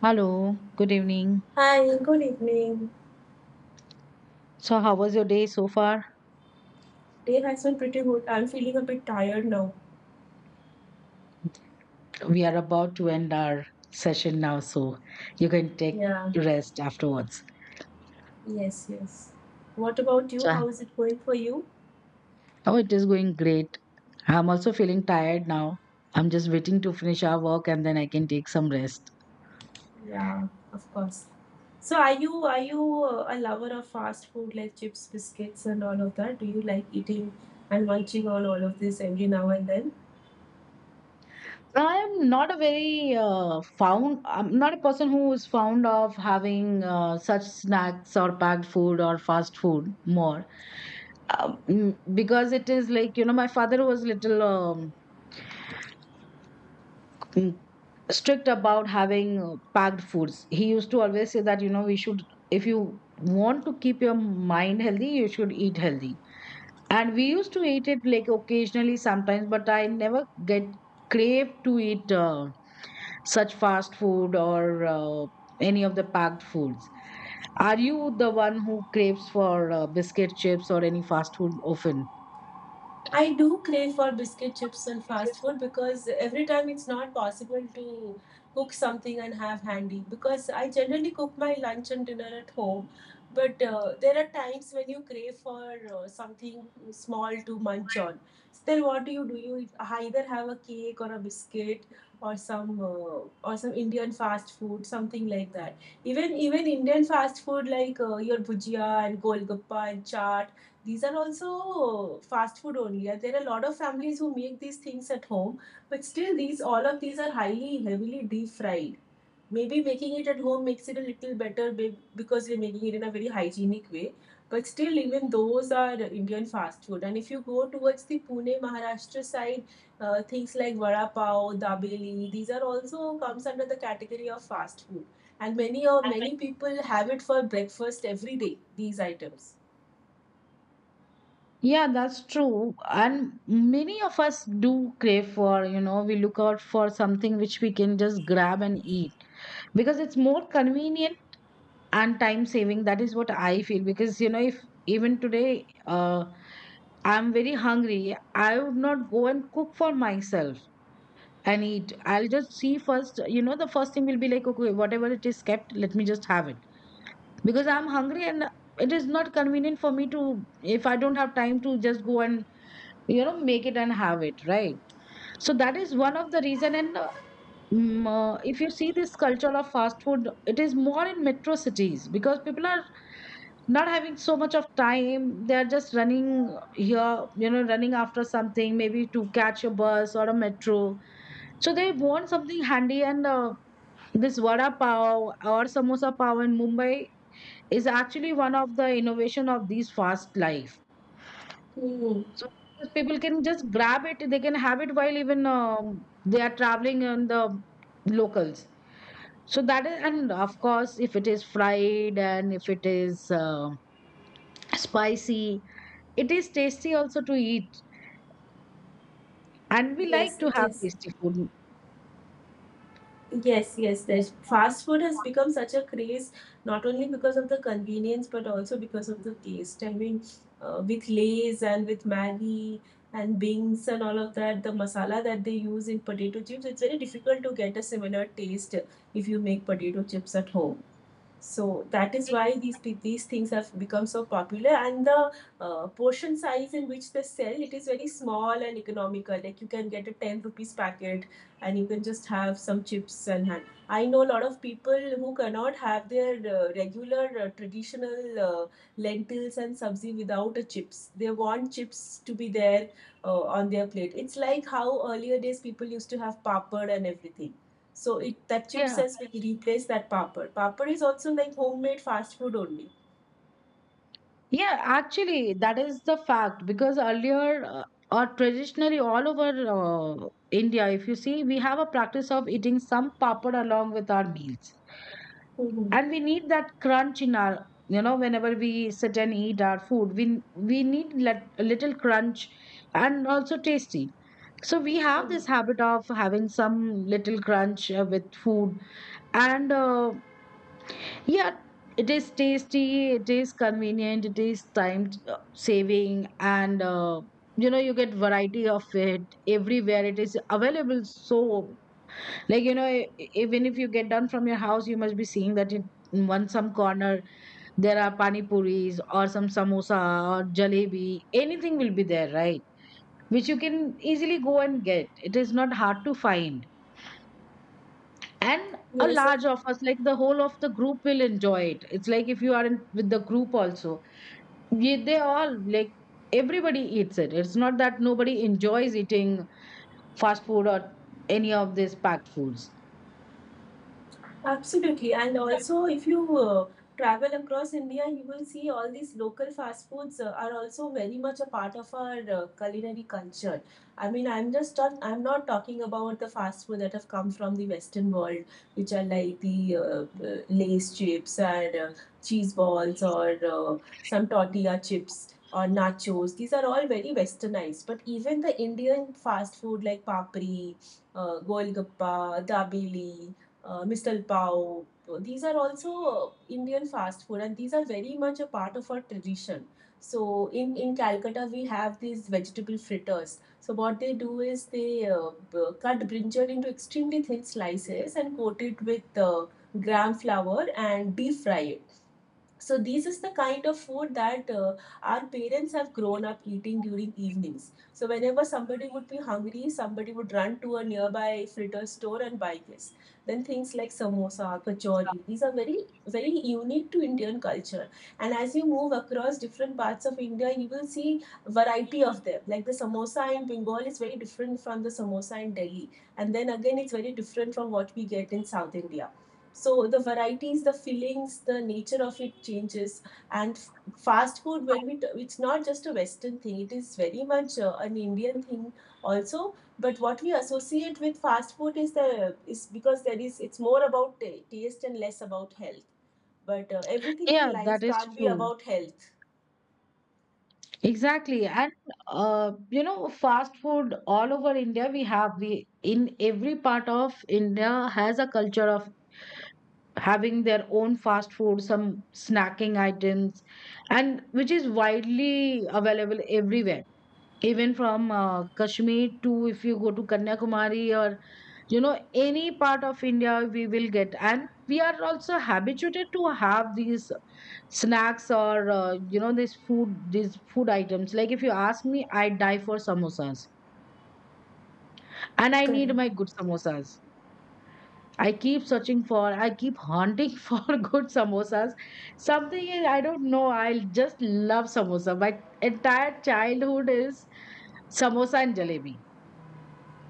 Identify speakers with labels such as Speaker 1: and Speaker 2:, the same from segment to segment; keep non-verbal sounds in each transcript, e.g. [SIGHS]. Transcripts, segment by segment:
Speaker 1: Hello, good evening.
Speaker 2: Hi, good evening.
Speaker 1: So, how was your day so far?
Speaker 2: Day has been pretty good. I'm feeling a bit tired now.
Speaker 1: We are about to end our session now, so you can take
Speaker 2: Yeah,
Speaker 1: rest afterwards.
Speaker 2: yes, yes. What about you?
Speaker 1: So,
Speaker 2: How is it going for you?
Speaker 1: oh, it is going great. I'm also feeling tired now. I'm just waiting to finish our work and then I can take some rest.
Speaker 2: Yeah, of course. So, are you a lover of fast food like chips, biscuits, and all of that? Do you like eating and munching on all of this every now and then?
Speaker 1: I'm not a very found, I'm not a person who is fond of having such snacks or packed food or fast food more. Because it is like, you know, my father was little. Mm, Strict about having packed foods. He used to always say that, you know, we should, if you want to keep your mind healthy, you should eat healthy. And we used to eat it like occasionally sometimes, but I never get crave to eat such fast food or any of the packed foods. Are you the one who craves for biscuit chips or any fast food often?
Speaker 2: I do crave for biscuit chips and fast food because every time it's not possible to cook something and have handy. Because I generally cook my lunch and dinner at home, but there are times when you crave for something small to munch on. So then, what do? You either have a cake or a biscuit or some Indian fast food, something like that. Even Indian fast food like your bhujia and golgappa and chaat, these are also fast food only. There are a lot of families who make these things at home, but still these all of these are highly heavily deep fried. Maybe making it at home makes it a little better because we're making it in a very hygienic way. But still, even those are Indian fast food. And if you go towards the Pune, Maharashtra side, things like vada pav, dabeli, these are also comes under the category of fast food. And many people have it for breakfast every day. These items.
Speaker 1: Yeah, that's true. And many of us do crave for, you know, we look out for something which we can just grab and eat because it's more convenient and time saving. That is what I feel. Because, you know, if even today I'm very hungry, I would not go and cook for myself and eat. I'll just see first, you know, the first thing will be like, okay, whatever it is kept, let me just have it because I'm hungry and it is not convenient for me to, if I don't have time to just go and, you know, make it and have it right. So that is one of the reason, and if you see this culture of fast food, it is more in metro cities because people are not having so much of time. They are just running here, you know, running after something, maybe to catch a bus or a metro. So they want something handy, and this vada pav or samosa pav in Mumbai is actually one of the innovation of these fast life.
Speaker 2: Hmm.
Speaker 1: So those people can just grab it, they can have it while even they are traveling in the locals. So that is, and of course, if it is fried and if it is spicy, it is tasty also to eat. And we
Speaker 2: Yes,
Speaker 1: like to
Speaker 2: it
Speaker 1: have
Speaker 2: is.
Speaker 1: tasty food.
Speaker 2: Yes, yes. There's fast food has become such a craze, not only because of the convenience, but also because of the taste. I mean, with Lay's and with Maggie and Bings and all of that, the masala that they use in potato chips, it's very difficult to get a similar taste if you make potato chips at home. So that is why these things have become so popular, and the portion size in which they sell it is very small and economical. Like you can get a 10 rupees packet, and you can just have some chips and hand. I know a lot of people who cannot have their regular traditional lentils and sabzi without a chips. They want chips to be there on their plate. It's like how earlier days people used to have papad and everything. So it that chip
Speaker 1: Yeah.
Speaker 2: says we replace that papad. Papad is also like homemade fast food only.
Speaker 1: Yeah, actually, that is the fact because earlier or traditionally all over India, if you see, we have a practice of eating some papad along with our meals.
Speaker 2: Mm-hmm.
Speaker 1: And we need that crunch in our, you know, whenever we sit and eat our food, we need let, a little crunch, and also tasty. So we have this habit of having some little crunch with food, and yeah, it is tasty, it is convenient, it is time saving, and you know, you get variety of it everywhere, it is available. So, like, you know, even if you get down from your house, you must be seeing that in one some corner there are pani puris or some samosa or jalebi, anything will be there, right, which you can easily go and get. It is not hard to find. And a
Speaker 2: Yes.
Speaker 1: large of us, like the whole of the group, will enjoy it. It's like if you are in, with the group also, they all like, everybody eats it. It's not that nobody enjoys eating fast food or any of these packed foods.
Speaker 2: Absolutely. And also, if you travel across India, you will see all these local fast foods are also very much a part of our culinary culture. I mean, I'm not talking about the fast food that have come from the Western world, which are like the Lay's chips and cheese balls or some tortilla chips or nachos. These are all very westernized. But even the Indian fast food like papri, golgappa, dabeli, misal pav. These are also Indian fast food, and these are very much a part of our tradition. So in Calcutta we have these vegetable fritters. So what they do is they cut brinjal into extremely thin slices and coat it with gram flour and deep fry it. So these is the kind of food that our parents have grown up eating during evenings. So whenever somebody would be hungry, somebody would run to a nearby fritter store and buy this. Then things like samosa, kachori, these are very, very unique to Indian culture. And as you move across different parts of India, you will see variety of them. Like the samosa in Bengal is very different from the samosa in Delhi, and then again it's very different from what we get in South India. So the varieties, the fillings, the nature of it changes. And fast food, it's not just a Western thing, it is very much an Indian thing also. But what we associate with fast food is the is because there is it's more about ta taste and less about health. But everything in
Speaker 1: Yeah, that
Speaker 2: life
Speaker 1: is
Speaker 2: can't be
Speaker 1: true.
Speaker 2: about health.
Speaker 1: Exactly. And you know, fast food all over India we have, we in every part of India has a culture of having their own fast food, some snacking items, and which is widely available everywhere. Even from Kashmir to, if you go to Kanyakumari or, you know, any part of India we will get. And we are also habituated to have these snacks or, you know, this food, these food items. Like if you ask me, I die for samosas, and I need
Speaker 2: Correct.
Speaker 1: my good samosas. I keep searching for, I keep hunting [LAUGHS] for good samosas. Something is, I don't know, I just love samosa. My entire childhood is samosa and jalebi.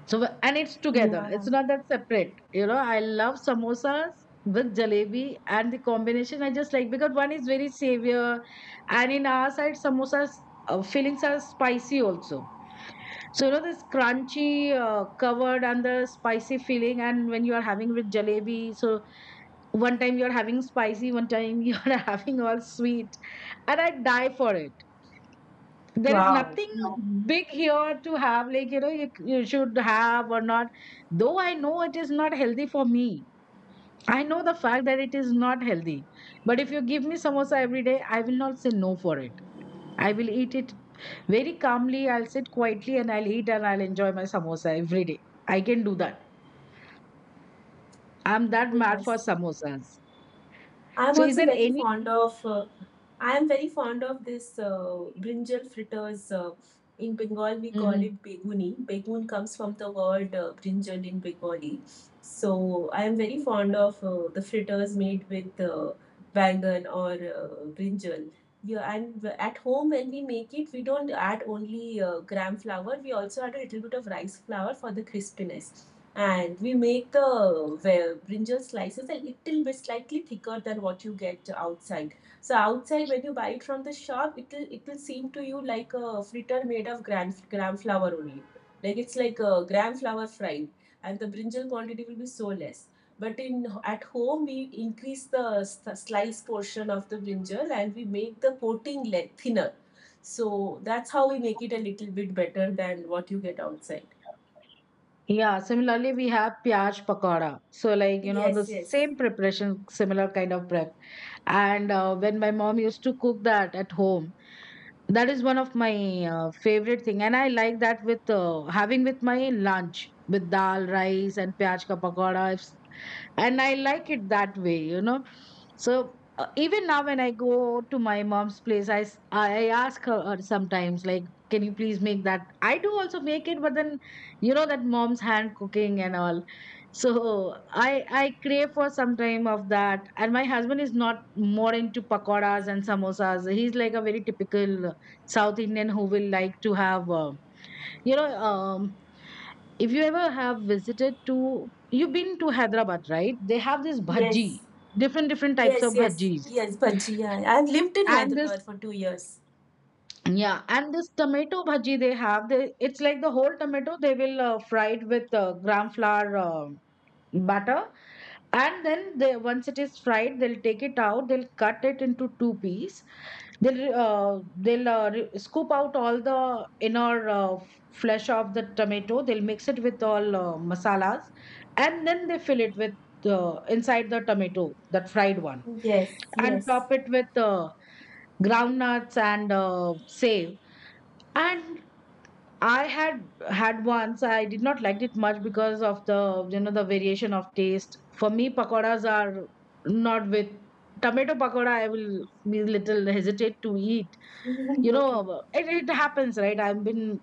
Speaker 1: So and it's together.
Speaker 2: Yeah.
Speaker 1: It's not that separate. You know, I love samosas with jalebi, and the combination I just like because one is very savor, and in our side samosas fillings are spicy also. So you know this crunchy covered and the spicy filling, and when you are having with jalebi, so one time you are having spicy, one time you are [LAUGHS] having all sweet, and I die for it. There is
Speaker 2: Wow.
Speaker 1: nothing
Speaker 2: Yeah.
Speaker 1: big here to have, like, you know, you should have or not. Though I know it is not healthy for me, I know the fact that it is not healthy. But if you give me samosa every day, I will not say no for it. I will eat it very calmly. I'll sit quietly and I'll eat and I'll enjoy my samosa every day. I can do that. I'm that mad
Speaker 2: Yes.
Speaker 1: for samosas.
Speaker 2: i'm
Speaker 1: So is
Speaker 2: also
Speaker 1: there
Speaker 2: very
Speaker 1: any.
Speaker 2: fond of uh, I am very fond of this brinjal fritters. In Bengal, we call
Speaker 1: Mhm.
Speaker 2: it beguni. Begun comes from the word brinjal in Bengali. So I am very fond of the fritters made with bangan or brinjal. Yeah, and at home when we make it, we don't add only gram flour. We also add a little bit of rice flour for the crispiness. And we make the brinjal slices a little bit slightly thicker than what you get outside. So outside, when you buy it from the shop, it will seem to you like a fritter made of gram flour only. Like it's like a gram flour fried, and the brinjal quantity will be so less. But in at home, we increase the slice portion of the brinjal and we make the coating thinner. So that's how we make it a little bit better than what you get outside.
Speaker 1: Yeah, similarly, we have piyaj pakora. So, like, you know, the
Speaker 2: Yes, yes,
Speaker 1: same preparation, similar kind of prep. And when my mom used to cook that at home, that is one of my favorite thing. And I like that with having with my lunch with dal, rice, and piyaj ka pakora, and I like it that way, you know. So even now when I go to my mom's place, I ask her sometimes like, can you please make that. I do also make it, but then, you know, that mom's hand cooking and all. So I crave for some time of that. And my husband is not more into pakoras and samosas. He's like a very typical south Indian who will like to have, you know um, if you ever have visited to, you've been to Hyderabad right, they have this bhaji,
Speaker 2: yes,
Speaker 1: different types of
Speaker 2: yes, yes,
Speaker 1: bhajis.
Speaker 2: yes, Panchi. Yeah, I've lived in
Speaker 1: And this,
Speaker 2: Hyderabad for 2 years.
Speaker 1: yeah, and this tomato bhaji they have, they, it's like the whole tomato they will fry it with gram flour batter. And then they, once it is fried, they'll take it out, they'll cut it into two piece, they'll scoop out all the inner flesh of the tomato, they'll mix it with all masalas, and then they fill it with inside the tomato, that fried one,
Speaker 2: Yes,
Speaker 1: and
Speaker 2: yes.
Speaker 1: top it with ground nuts and save. And I had had once. I did not liked it much because of the, you know, the variation of taste. For me, pakoras are not with tomato pakoda. I will be little hesitate to eat.
Speaker 2: [LAUGHS]
Speaker 1: You
Speaker 2: Mhm. Okay,
Speaker 1: know, it happens, right? I've been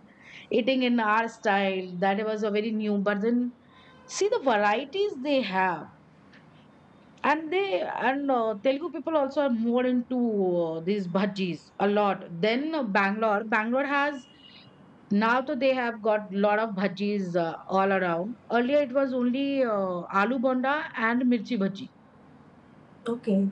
Speaker 1: eating in our style. That was a very new. But then see the varieties they have, and they, and Telugu people also are more into these bhajis a lot. Then Bangalore has now to, they have got lot of bhajis all around. Earlier it was only aloo bonda and mirchi bhaji.
Speaker 2: okay.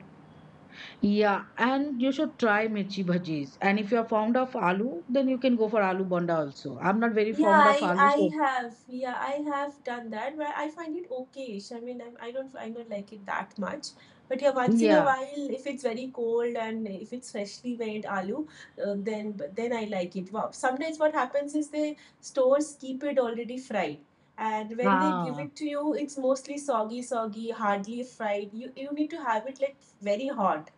Speaker 1: Yeah, and you should try mirchi bhajis. And if you are fond of aloo, then you can go for aloo bonda also. I'm not very
Speaker 2: Yeah,
Speaker 1: fond of
Speaker 2: i
Speaker 1: aloo,
Speaker 2: i
Speaker 1: so
Speaker 2: have. Yeah, I have done that, but I find it okay. So, I mean, I don't like it that much. But yeah, once in a
Speaker 1: yeah.
Speaker 2: while, if it's very cold and if it's freshly made aloo, then but then I like it. Wow. Sometimes what happens is the stores keep it already fried, and when they give
Speaker 1: Ah,
Speaker 2: it to you, it's mostly soggy, soggy, hardly fried. You need to have it like very hot.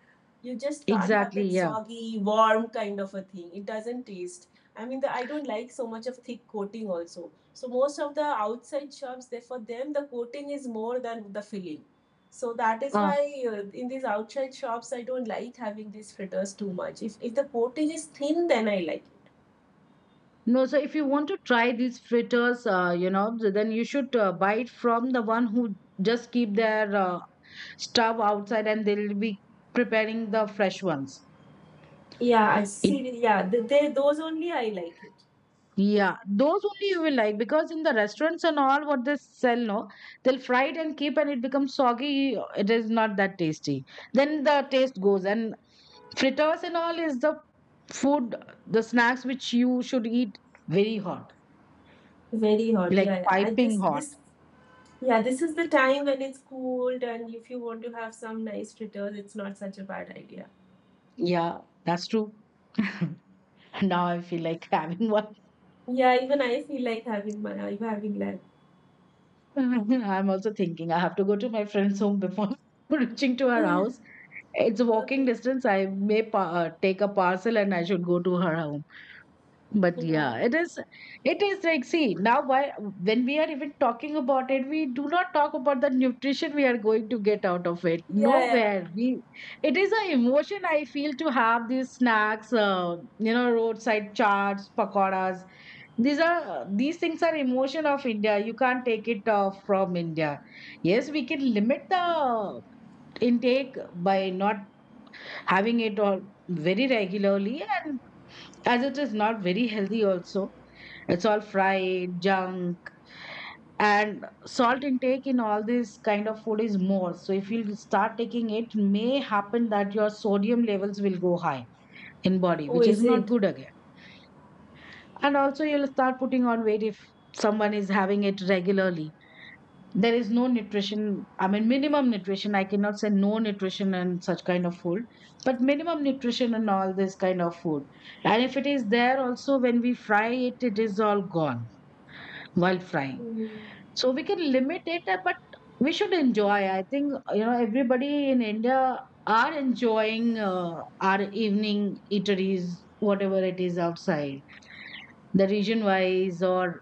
Speaker 2: You just can't have
Speaker 1: exactly.
Speaker 2: that
Speaker 1: Yeah.
Speaker 2: soggy, warm kind of a thing. It doesn't taste. I mean, I don't like so much of thick coating also. So most of the outside shops, they, for them, the coating is more than the filling. So that is
Speaker 1: Ah.
Speaker 2: why in these outside shops, I don't like having these fritters too much. If the coating is thin, then I like it.
Speaker 1: No, so if you want to try these fritters, you know, then you should buy it from the one who just keep their stuff outside and they'll be preparing the fresh ones.
Speaker 2: Yeah, I
Speaker 1: It,
Speaker 2: see. Yeah, th- they those only I like it.
Speaker 1: yeah, those only you will like because in the restaurants and all what they sell, no, they'll fry it and keep and it becomes soggy. It is not that tasty. Then the taste goes. And fritters and all is the food, the snacks which you should eat very hot,
Speaker 2: Very hot.
Speaker 1: like
Speaker 2: Yeah, yeah. I, this
Speaker 1: piping hot.
Speaker 2: this yeah, this is the time when it's cooled, and if you want to have some nice fritters, it's not such a bad idea.
Speaker 1: Yeah, that's true. [LAUGHS] Now I feel like having one.
Speaker 2: Yeah, even I feel like having.
Speaker 1: [LAUGHS] I'm also thinking I have to go to my friend's home before [LAUGHS] reaching to her house.
Speaker 2: [SIGHS]
Speaker 1: It's a walking
Speaker 2: Okay.
Speaker 1: distance. I may take a parcel and I should go to her home. But
Speaker 2: Yeah.
Speaker 1: yeah, it is like, see, now why, when we are even talking about it, we do not talk about the nutrition we are going to get out of it.
Speaker 2: Yeah, yeah.
Speaker 1: Nowhere. It is an emotion I feel to have these snacks, you know, roadside chaats, pakoras. These things are emotion of India. You can't take it from India. Yes, we can limit the intake by not having it all very regularly, and as it is not very healthy also, it's all fried junk. And salt intake in all this kind of food is more, so if you start taking, it may happen that your sodium levels will go high in body,
Speaker 2: Oh,
Speaker 1: which is
Speaker 2: is
Speaker 1: not
Speaker 2: it?
Speaker 1: good again. And also you'll start putting on weight if someone is having it regularly. There is no nutrition, I mean minimum nutrition, I cannot say no nutrition and such kind of food, but minimum nutrition and all this kind of food. And if it is there also, when we fry it, it is all gone while frying.
Speaker 2: Mm.
Speaker 1: So we can limit it, but we should enjoy. I think everybody in India are enjoying our evening eateries, whatever it is outside, the region wise or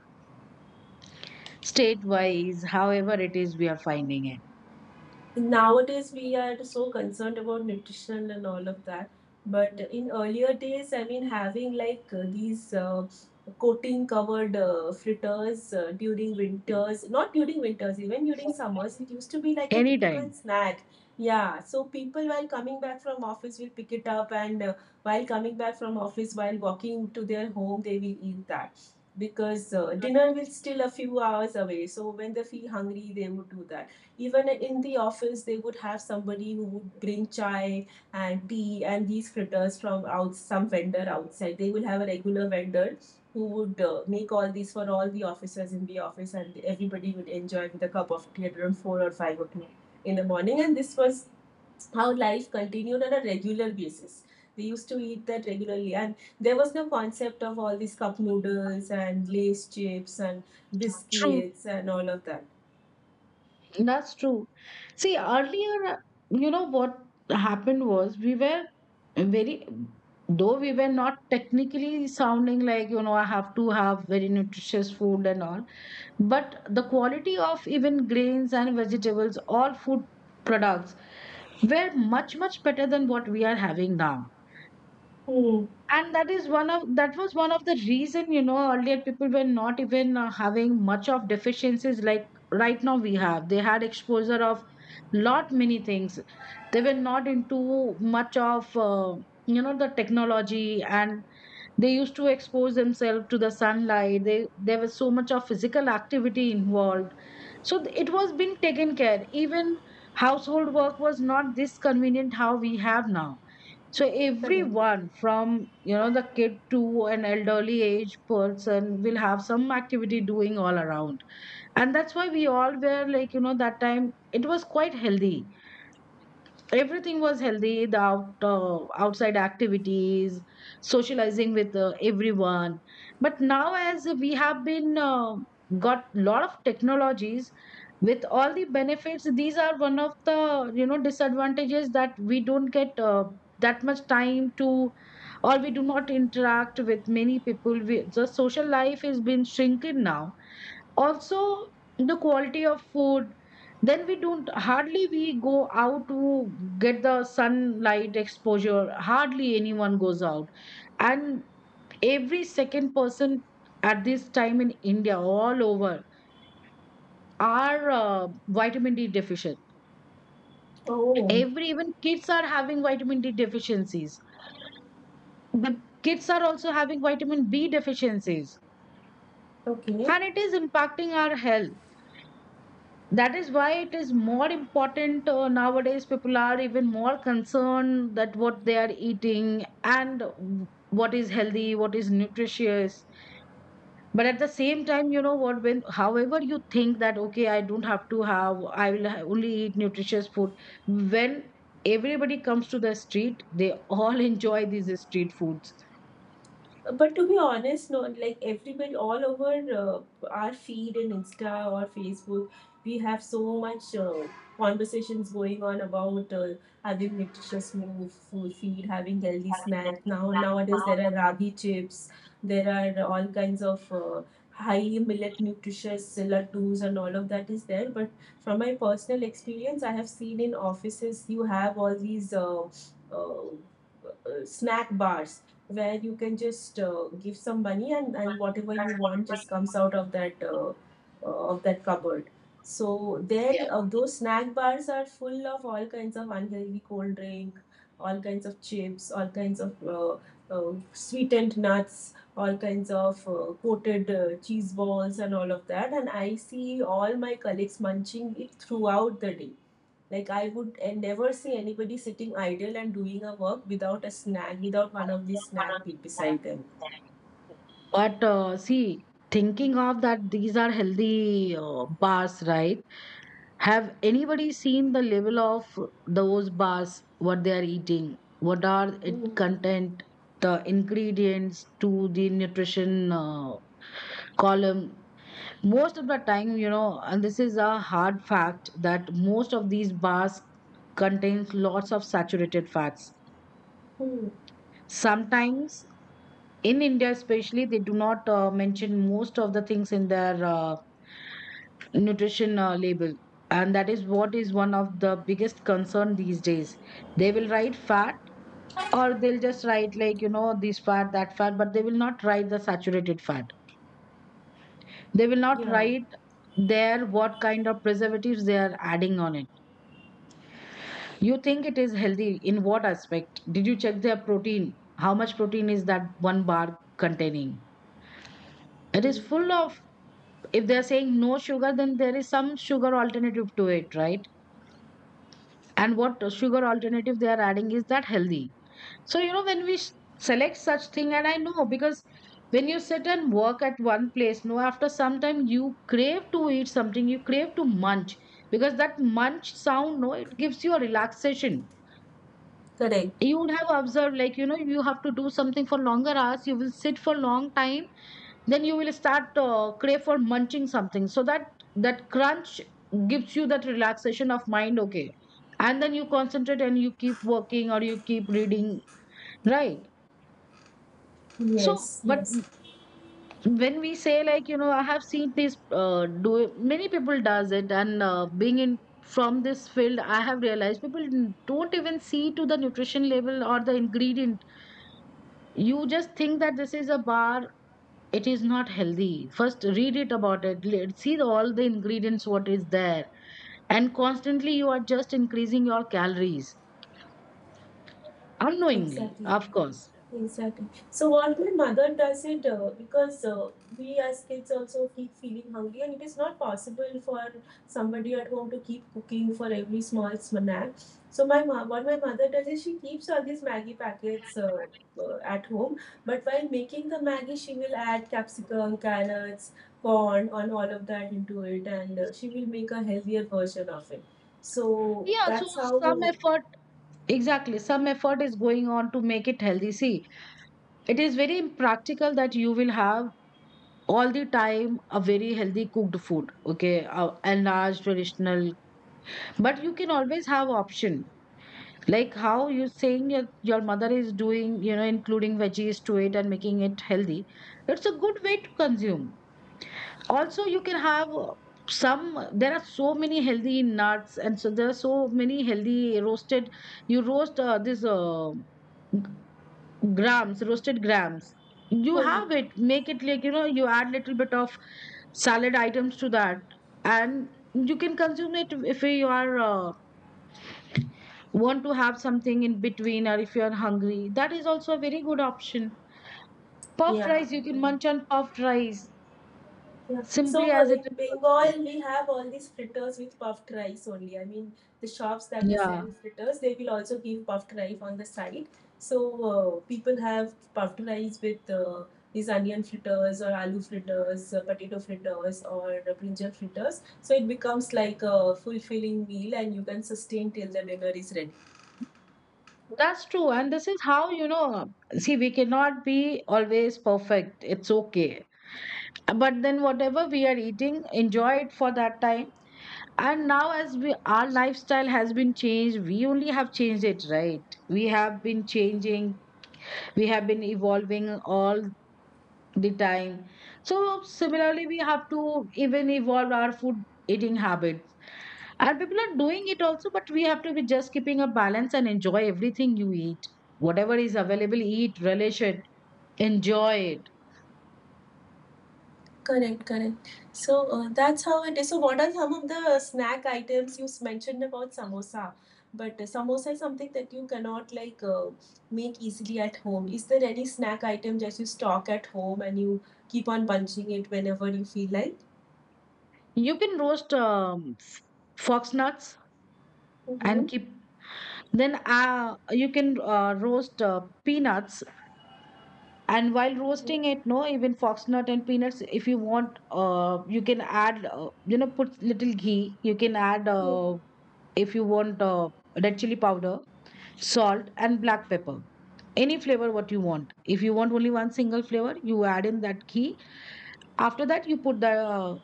Speaker 1: state wise, however it is, we are finding it
Speaker 2: Nowadays we are so concerned about nutrition and all of that. But in earlier days, I mean, having like these coating covered fritters during winters, not during winters, even during summers, it used to be like a typical
Speaker 1: anytime.
Speaker 2: snack. Yeah, so people while coming back from office will pick it up, and while coming back from office while walking to their home, they will eat that. Because dinner will still a few hours away, so when they feel hungry they would do that. Even in the office they would have somebody who would bring chai and tea and these fritters from out. Some vendor outside, they will have a regular vendor who would make all these for all the officers in the office, and everybody would enjoy with a cup of tea at around 4 or 5 o'clock in the morning. And this was how life continued on a regular basis. They used to eat that regularly, and there was no concept of all these cup noodles and lace chips and
Speaker 1: True,
Speaker 2: biscuits and all of that.
Speaker 1: that's true. See, earlier, you know what happened was, we were very though we were not technically sounding like, I have to have very nutritious food and all, but the quality of even grains and vegetables, all food products, were much much better than what we are having now.
Speaker 2: Hmm.
Speaker 1: And that was one of the reason, earlier people were not even having much of deficiencies like right now we have. They had exposure of lot many things, they were not into much of the technology, and they used to expose themselves to the sunlight. They There was so much of physical activity involved, so it was being taken care. Even household work was not this convenient how we have now, so
Speaker 2: Correct.
Speaker 1: everyone from, the kid to an elderly age person, will have some activity doing all around. And that's why we all were like, that time it was quite healthy, everything was healthy, the outside activities, socializing with everyone. But now as we have been, got lot of technologies, with all the benefits, these are one of the, disadvantages, that we don't get that much time to, or we do not interact with many people. The social life has been shrinking now also, the quality of food. Then we don't hardly we go out to get the sunlight exposure, hardly anyone goes out. And every second person at this time in India, all over, are vitamin d deficient.
Speaker 2: Oh,
Speaker 1: Every Even kids are having vitamin d deficiencies. The Kids are also having vitamin b deficiencies,
Speaker 2: okay.
Speaker 1: and it is impacting our health. That is why it is more important, nowadays people are even more concerned that what they are eating, and what is healthy, what is nutritious. But at the same time, you know what, when however you think that, okay, I don't have to have I will ha- only eat nutritious food. When everybody comes to the street, they all [LAUGHS] enjoy these street foods.
Speaker 2: But to be honest, no, like everybody all over, our feed in Insta or Facebook, we have so much conversations going on about having nutritious food, feed, having healthy snacks. Now nowadays there are ragi chips, there are all kinds of high millet nutritious laddus and all of that is there. But from my personal experience, I have seen in offices you have all these. Uh, Snack bars where you can just give some money, and whatever you
Speaker 1: That's what
Speaker 2: want just
Speaker 1: I-
Speaker 2: comes out of that cupboard. So there,
Speaker 1: yeah.
Speaker 2: those snack bars are full of all kinds of unhealthy cold drink, all kinds of chips, all kinds of sweetened nuts, all kinds of coated cheese balls and all of that. And I see all my colleagues munching it throughout the day. Like, I would never see anybody sitting idle and doing a work without a snack, without one of these snack be beside them.
Speaker 1: But see, thinking of that, these are healthy bars, right? Have anybody seen the level of those bars, what they are eating? What are it
Speaker 2: Hmm.
Speaker 1: content, the ingredients to the nutrition column? Most of the time, you know, and this is a hard fact, that most of these bars contains lots of saturated fats.
Speaker 2: Hmm.
Speaker 1: Sometimes in India, especially, they do not mention most of the things in their nutrition label. And that is what is one of the biggest concern these days. They will write fat, or they'll just write like, you know, this fat, that fat, but they will not write the saturated fat. They will not
Speaker 2: Yeah.
Speaker 1: write there what kind of preservatives they are adding on it. You think it is healthy in what aspect? Did you check their protein? How much protein is that one bar containing? It is
Speaker 2: Mm.
Speaker 1: full of. If they're saying no sugar, then there is some sugar alternative to it, right? And what sugar alternative they are adding, is that healthy? So, when we select such thing. And I know, because when you sit and work at one place, no, after some time you crave to eat something, you crave to munch, because that munch sound, no, it gives you a relaxation.
Speaker 2: Correct.
Speaker 1: You would have observed, like, you have to do something for longer hours, you will sit for long time, then you will start crave for munching something, so that that crunch gives you that relaxation of mind, okay, and then you concentrate and you keep working, or you keep reading, right? So
Speaker 2: Yes.
Speaker 1: but
Speaker 2: Yes,
Speaker 1: when we say, like, I have seen this, do many people does it. And being in from this field, I have realized people don't even see to the nutrition level or the ingredient. You just think that this is a bar. It is not healthy, first read it about it, see all the ingredients, what is there, and constantly you are just increasing your calories, unknowingly,
Speaker 2: exactly.
Speaker 1: of course.
Speaker 2: Exactly. So what my mother does it, because we as kids also keep feeling hungry, and it is not possible for somebody at home to keep cooking for every small snack. So what my mother does is she keeps all these Maggie packets at home, but while making the Maggie, she will add capsicum, carrots, corn, and all of that into it, and she will make a healthier version of it. So
Speaker 1: Yeah, so
Speaker 2: that's
Speaker 1: some
Speaker 2: how.
Speaker 1: effort exactly some effort is going on to make it healthy. See, it is very impractical that you will have all the time a very healthy cooked food, okay, a a large traditional, but you can always have option. Like how you're saying, your mother is doing, you know, including veggies to it and making it healthy. It's a good way to consume. Also, you can have some, there are so many healthy nuts, and so there are so many healthy roasted. You roast this g- grams, roasted grams. You have it, make it like, you add little bit of salad items to that, and you can consume it if you are. Want to have something in between, or if you're hungry, that is also a very good option. Puffed
Speaker 2: Yeah.
Speaker 1: rice, you can munch on puffed rice,
Speaker 2: Yeah. So
Speaker 1: simply as it
Speaker 2: in
Speaker 1: is also.
Speaker 2: Bengal, we have all these fritters with puffed rice only. I mean, the shops that they
Speaker 1: Yeah,
Speaker 2: sell fritters, they will also give puffed rice on the side. So people have puffed rice with these onion fritters or aloo fritters, potato fritters or brinjal fritters. So it becomes like a fulfilling meal, and you can sustain till the dinner is ready.
Speaker 1: that's true. And this is how, you know, see, we cannot be always perfect, it's okay, but then whatever we are eating, enjoy it for that time. And now as we, our lifestyle has been changed, we only have changed it, right? We have been changing, we have been evolving all the time. So similarly, we have to even evolve our food eating habit. And people are doing it also, but we have to be just keeping a balance and enjoy everything you eat. Whatever is available, eat, relish it, enjoy it.
Speaker 2: Correct, correct. So that's how it is. So what are some of the snack items you mentioned about samosa? But samosa is something that you cannot like make easily at home. Is there any snack item that you stock at home and you keep on punching it whenever you feel like?
Speaker 1: You can roast fox nuts
Speaker 2: Mm-hmm.
Speaker 1: and keep. Then you can roast peanuts, and while roasting it, no, even fox nut and peanuts, if you want, you can add, put little ghee. You can add,
Speaker 2: Mm.
Speaker 1: if you want, red chili powder, salt and black pepper, any flavor what you want. If you want only one single flavor, you add in that ghee. After that, you put the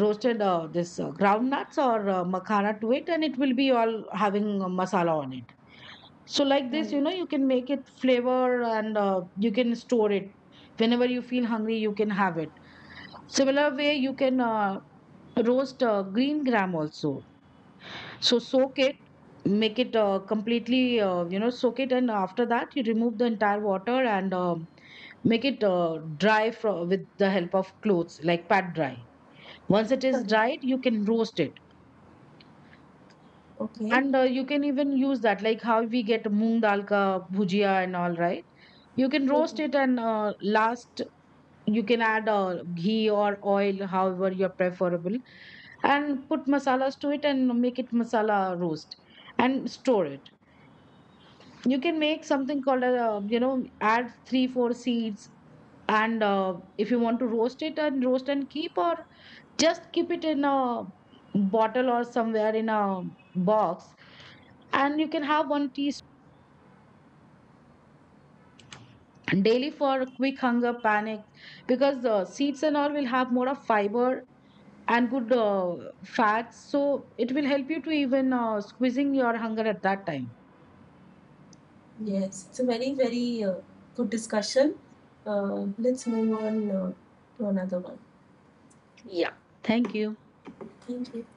Speaker 1: roasted, this ground nuts, or makhana to it, and it will be all having a masala on it. So like this,
Speaker 2: Right.
Speaker 1: you can make it flavor, and you can store it. Whenever you feel hungry, you can have it. Similar way, you can roast green gram also. So soak it, make it completely, soak it, and after that you remove the entire water, and make it dry, with the help of clothes, like pat dry. Once it is
Speaker 2: Correct.
Speaker 1: dried, you can roast it,
Speaker 2: Okay.
Speaker 1: and you can even use that, like how we get moong dal ka bhujia and all, right? You can roast it,
Speaker 2: Mhm.
Speaker 1: and last, you can add ghee or oil, however you're preferable, and put masalas to it, and make it masala roast and store it. You can make something called a you know add three four seeds, and if you want to roast it, and roast and keep, or just keep it in a bottle or somewhere in a box, and you can have one teaspoon daily for quick hunger panic, because the seeds and all will have more of fiber and good fats, so it will help you to even squeezing your hunger at that time.
Speaker 2: Yes. It's a very, very good discussion. Let's move on to another one.
Speaker 1: Yeah. Thank you.
Speaker 2: Thank you.